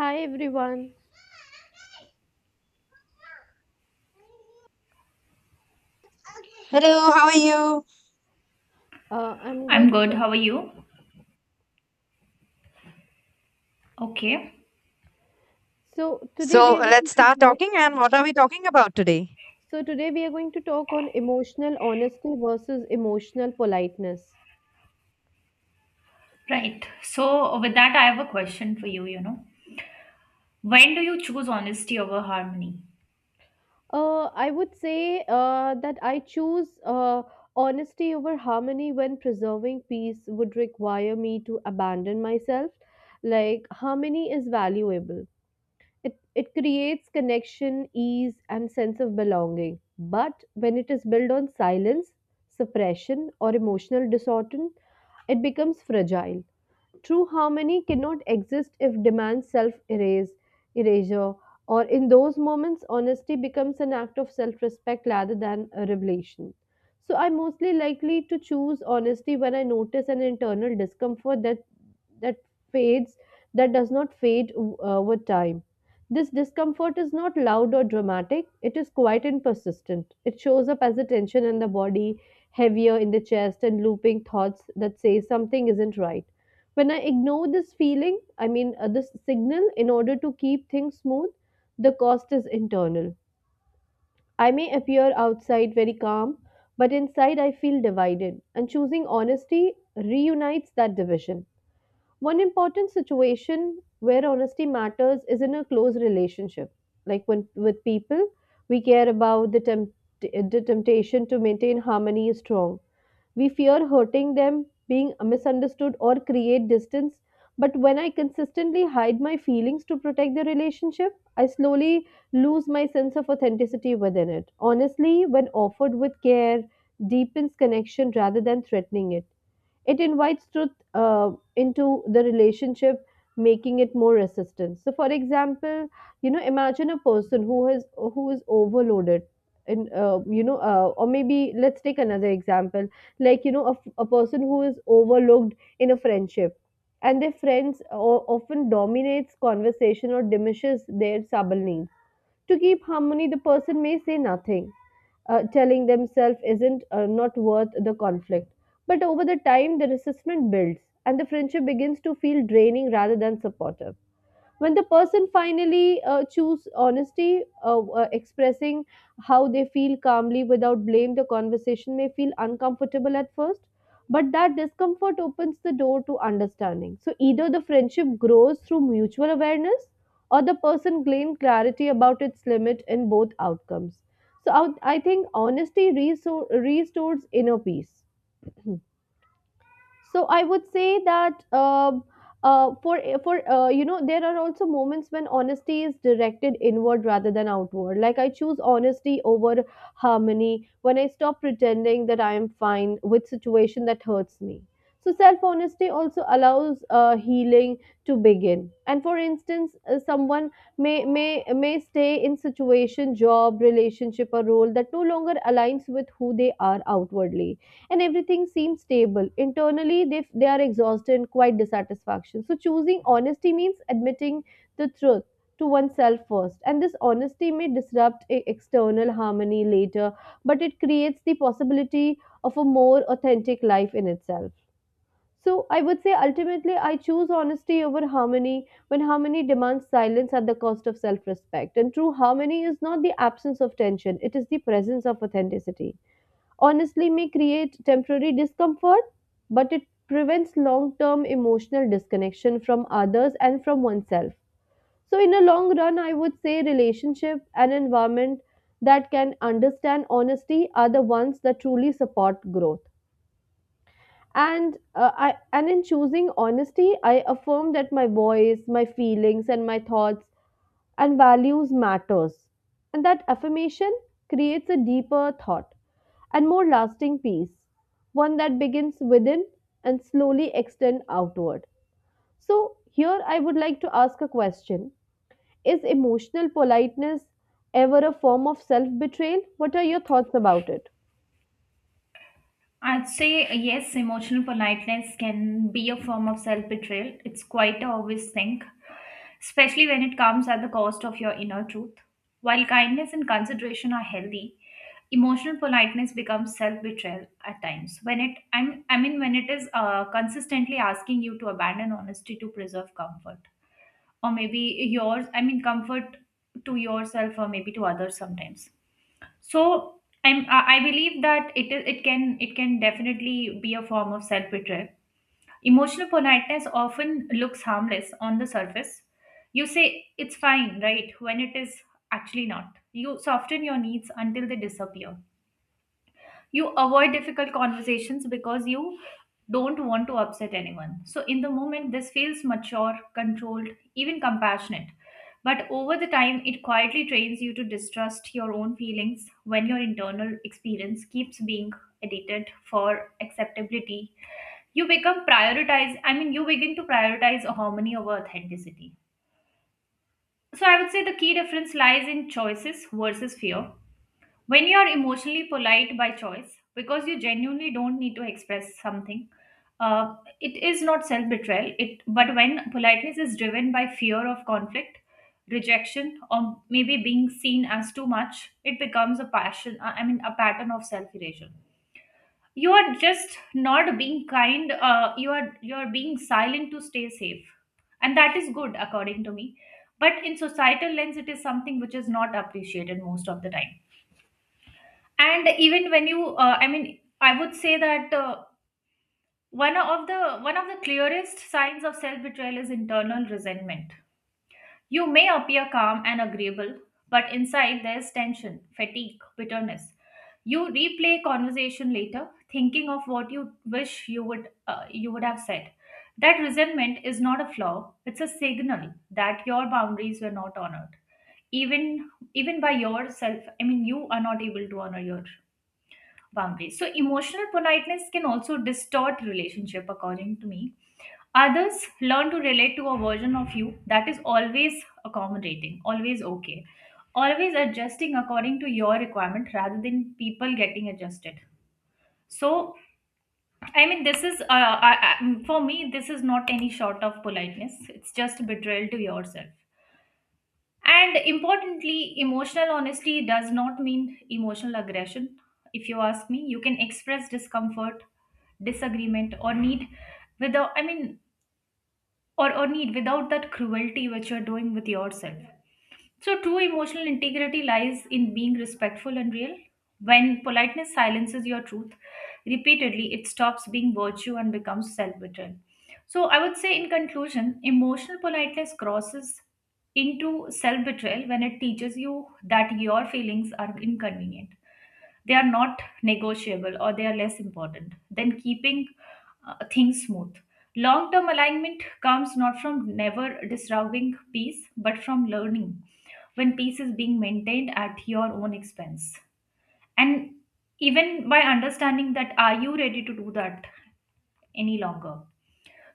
Hi everyone. Hello, how are you? I'm I'm good. good. How are you? Okay. So today So we are going let's to start talk. talking. And what are we talking about today? So today we are going to talk on emotional honesty versus emotional politeness. Right. So, with that, I have a question for you. You know, when do you choose honesty over harmony? I would say that I choose honesty over harmony when preserving peace would require me to abandon myself. Like harmony is valuable. It creates connection, ease, and sense of belonging. But when it is built on silence, suppression, or emotional distortion, it becomes fragile. True harmony cannot exist if demands self erase erasure, or in those moments, honesty becomes an act of self respect rather than a revelation. So, I mostly likely to choose honesty when I notice an internal discomfort that fades, that does not fade with time. This discomfort is not loud or dramatic, it is quiet and persistent. It shows up as a tension in the body, heavier in the chest, and looping thoughts that say something isn't right. When I ignore this feeling, I mean this signal, in order to keep things smooth, the cost is internal. I may appear outside very calm, but inside I feel divided, and choosing honesty reunites that division. One important situation where honesty matters is in a close relationship, like when with people we care about, the temptation to maintain harmony is strong. We fear hurting them, being misunderstood, or create distance. But when I consistently hide my feelings to protect the relationship, I slowly lose my sense of authenticity within it. Honestly, when offered with care, deepens connection rather than threatening it. It invites truth into the relationship, making it more resistant. So, for example, imagine a person who is overloaded. Or maybe let's take another example, like a, a person who is overlooked in a friendship, and their friends often dominates conversation or diminishes their subtle needs. To keep harmony, the person may say nothing, telling themselves isn't not worth the conflict. But over the time, the resentment builds, and the friendship begins to feel draining rather than supportive. When the person finally choose honesty, expressing how they feel calmly without blame, the conversation may feel uncomfortable at first, but that discomfort opens the door to understanding. So either the friendship grows through mutual awareness, or the person gains clarity about its limit. In both outcomes, so I think honesty restores inner peace. So I would say that uh, for for there are also moments when honesty is directed inward rather than outward. Like I choose honesty over harmony when I stop pretending that I am fine with situation that hurts me. So self honesty also allows healing to begin. And for instance, someone may stay in situation, job, relationship, or role that no longer aligns with who they are. Outwardly, and everything seems stable. Internally, they are exhausted and quite dissatisfaction. So, choosing honesty means admitting the truth to oneself first. And this honesty may disrupt external harmony later, but it creates the possibility of a more authentic life in itself. So, I would say ultimately, I choose honesty over harmony when harmony demands silence at the cost of self respect. And true harmony is not the absence of tension, it is the presence of authenticity. Honestly may create temporary discomfort, but it prevents long term emotional disconnection from others and from oneself. So, in a long run, I would say relationship and environment that can understand honesty are the ones that truly support growth. And in choosing honesty, I affirm that my voice, my feelings, and my thoughts and values matters. And that affirmation creates a deeper thought and more lasting peace, one that begins within and slowly extend outward. So here I would like to ask a question. Is emotional politeness ever a form of self-betrayal? What are your thoughts about it? I'd say yes, emotional politeness can be a form of self betrayal. It's quite a obvious thing, especially when it comes at the cost of your inner truth. While kindness and consideration are healthy, emotional politeness becomes self betrayal at times. When it, I'm, I mean, when it is consistently asking you to abandon honesty to preserve comfort. Or maybe yours, I mean comfort to yourself or maybe to others sometimes. So, I believe that it can definitely be a form of self betrayal. Emotional politeness often looks harmless on the surface. You say it's fine, right, when it is actually not. You soften your needs until they disappear. You avoid difficult conversations because you don't want to upset anyone. So, in the moment, this feels mature, controlled, even compassionate. But over the time, it quietly trains you to distrust your own feelings when your internal experience keeps being edited for acceptability. You become prioritize, I mean, you begin to prioritize harmony over authenticity. So, I would say the key difference lies in choices versus fear. When you're emotionally polite by choice, because you genuinely don't need to express something, uh, it is not self betrayal. It but when politeness is driven by fear of conflict, rejection, or maybe being seen as too much, it becomes a passion. I mean, a pattern of self erasure. You are just not being kind. You are you are being silent to stay safe, and that is good according to me. But in societal lens, it is something which is not appreciated most of the time. And even when you I mean, I would say that, one of the clearest signs of self betrayal is internal resentment. You may appear calm and agreeable, but inside there's tension, fatigue, bitterness. You replay conversation later, thinking of what you wish you would have said. That resentment is not a flaw, it's a signal that your boundaries were not honored. Even even by yourself, I mean you are not able to honor your boundaries. So emotional politeness can also distort relationship according to me. Others learn to relate to a version of you that is always accommodating, always okay, always adjusting according to your requirement rather than people getting adjusted. So, I mean this is I, for me this is not any sort of politeness. It's just betrayal to yourself. And importantly, emotional honesty does not mean emotional aggression. If you ask me, you can express discomfort, disagreement, without, I mean, or need without that cruelty which you're doing with yourself. So, true emotional integrity lies in being respectful and real. When politeness silences your truth repeatedly, it stops being virtue and becomes self betrayal. So, I would say, in conclusion, emotional politeness crosses into self betrayal when it teaches you that your feelings are inconvenient, they are not negotiable, or they are less important than keeping things smooth. Long term alignment comes not from never disrupting peace, but from learning when peace is being maintained at your own expense. And even by understanding that, are you ready to do that any longer?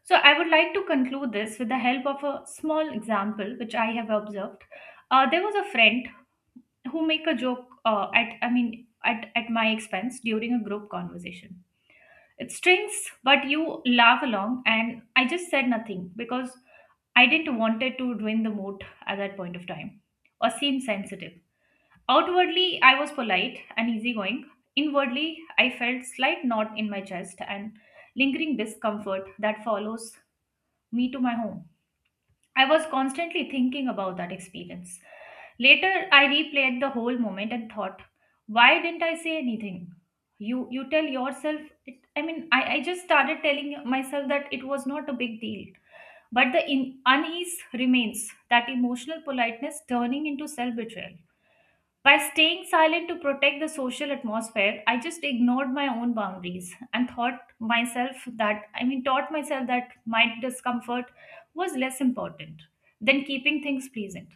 So, I would like to conclude this with the help of a small example which I have observed. There was a friend who make a joke at I mean at my expense during a group conversation. It stings, but you laugh along and I just said nothing because I didn't wanted to ruin the mood at that point of time or seem sensitive. Outwardly I was polite and easygoing. Inwardly I felt slight knot in my chest and lingering discomfort that follows me to my home. I was constantly thinking about that experience. Later, I replayed the whole moment and thought, why didn't I say anything? You tell yourself. It, I mean, I just started telling myself that it was not a big deal. But the in, unease remains. That emotional politeness turning into self betrayal. By staying silent to protect the social atmosphere, I just ignored my own boundaries and thought myself that, I mean, taught myself that my discomfort was less important than keeping things pleasant.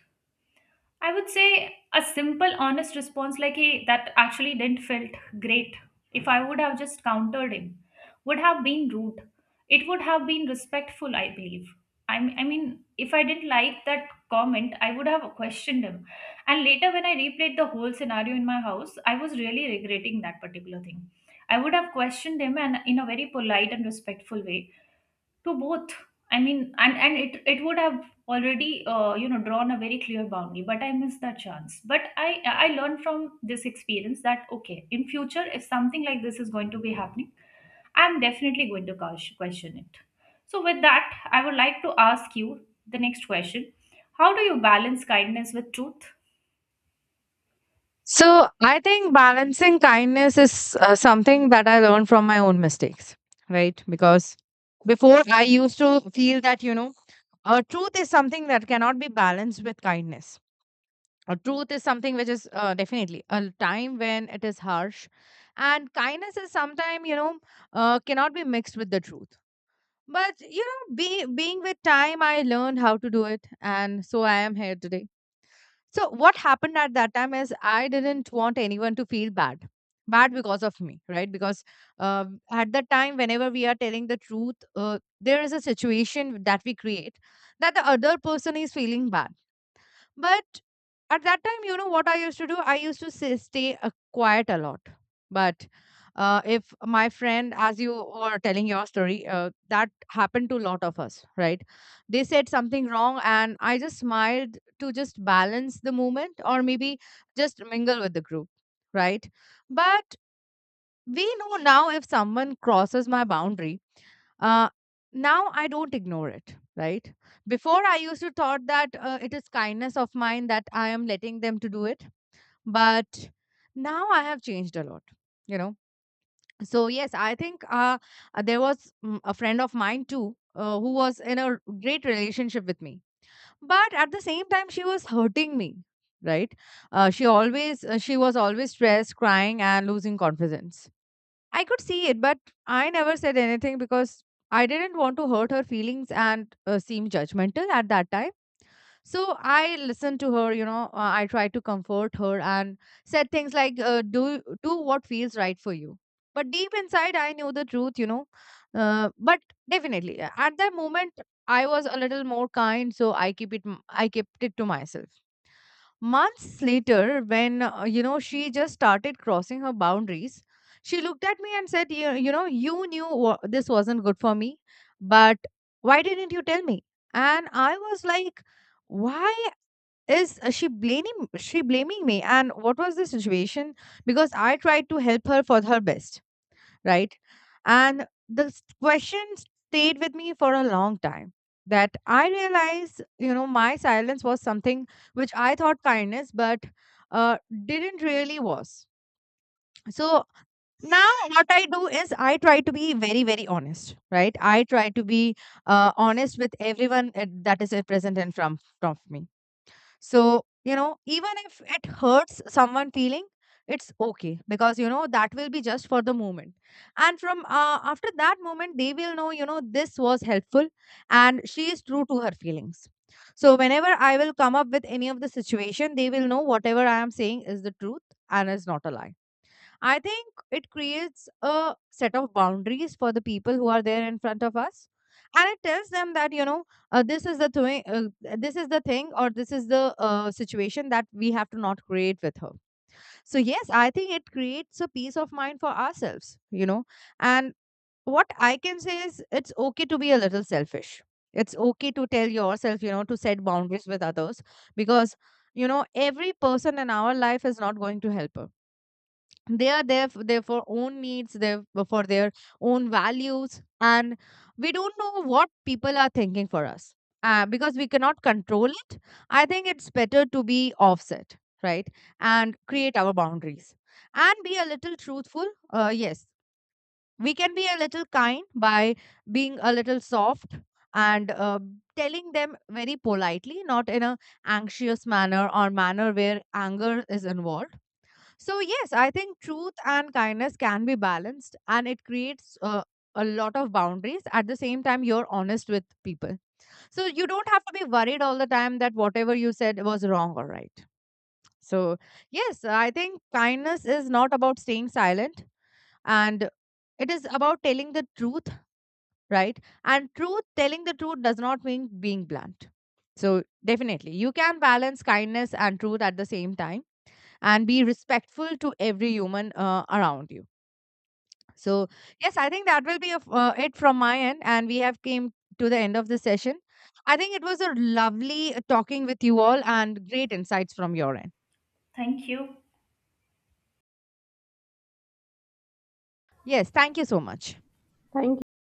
I would say a simple, honest response like, hey, that actually didn't felt great. If I would have just countered him, would have been rude. It would have been respectful, I believe. I mean, if I didn't like that comment, I would have questioned him. And later, when I replayed the whole scenario in my house, I was really regretting that particular thing. I would have questioned him and in a very polite and respectful way to both, I mean. And it would have already you know drawn a very clear boundary, but I missed that chance. But I learned from this experience that okay, in future if something like this is going to be happening, I'm definitely going to question it. So with that I would like to ask you the next question, how do you balance kindness with truth? So I think balancing kindness is something that I learned from my own mistakes, right? Because before I used to feel that, you know, truth is something that cannot be balanced with kindness. Truth is something which is definitely a time when it is harsh. And kindness is sometimes, you know, cannot be mixed with the truth. But you know, being with time, I learned how to do it, and so I am here today. So what happened at that time is I didn't want anyone to feel bad because of me, right? Because uh, at that time, whenever we are telling the truth, there is a situation that we create that the other person is feeling bad. But at that time, you know what I used to do? I used to say, stay quiet a lot. But if my friend, as you were telling your story, that happened to a lot of us, right? They said something wrong, and I just smiled to just balance the moment or maybe just mingle with the group, right? But we know now if someone crosses my boundary uh, now I don't ignore it, right? Before I used to thought that it is kindness of mine that I am letting them to do it, but now I have changed a lot, you know. So yes, I think there was a friend of mine too, who was in great relationship with me, but at the same time she was hurting me, right? She was always stressed, crying and losing confidence. I could see it, but I never said anything because I didn't want to hurt her feelings and seem judgmental at that time. So I listened to her, you know, I tried to comfort her and said things like, do what feels right for you. But deep inside, I knew the truth, you know. But definitely, at that moment, I was a little more kind, so I keep I kept it to myself. Months later, when you know she just started crossing her boundaries, she looked at me and said, you know, you this wasn't good for me, but why didn't you tell me?" And I was like, "Why is she blaming me?" And what was the situation? Because I tried to help her for her best, right? And this question stayed with me for a long time. That I realized, you know, my silence was something which I thought kindness, but uh, didn't really was. So now what I do is I try to be very, very honest, right? I try to be honest with everyone that is present in front of me. So, you know, even if it hurts someone feeling, it's okay because you know that will be just for the moment. And from after that moment, they will know, you know, this was helpful and she is true to her feelings. So, whenever I will come up with any of the situation, they will know whatever I am saying is the truth and is not a lie. I think it creates a set of boundaries for the people who are there in front of us, and it tells them that this is the this is the thing, or this is the situation that we have to not create with her. So yes, I think it creates a peace of mind for ourselves, you know. And what I can say is, it's okay to be a little selfish. It's okay to tell yourself, you know, to set boundaries with others, because you know every person in our life is not going to help us. They are there for their for own needs, their own values, and we don't know what people are thinking for us, because we cannot control it. I think it's better to be offset, right, and create our boundaries and be a little truthful. Yes, we can be a little kind by being a little soft, and telling them very politely, not in a anxious manner or manner where anger is involved. So, yes, I think truth and kindness can be balanced and it creates a lot of boundaries. At the same time, you're honest with people. So, you don't have to be worried all the time that whatever you said was wrong or right. So, yes, I think kindness is not about staying silent and it is about telling the truth, right? And truth, telling the truth does not mean being blunt. So, definitely, you can balance kindness and truth at the same time and be respectful to every human around you. So yes, I think that will be it from my end, and we have came to the end of the session. I think it was a lovely talking with you all and great insights from your end. Thank you. Yes, thank you so much. Thank you.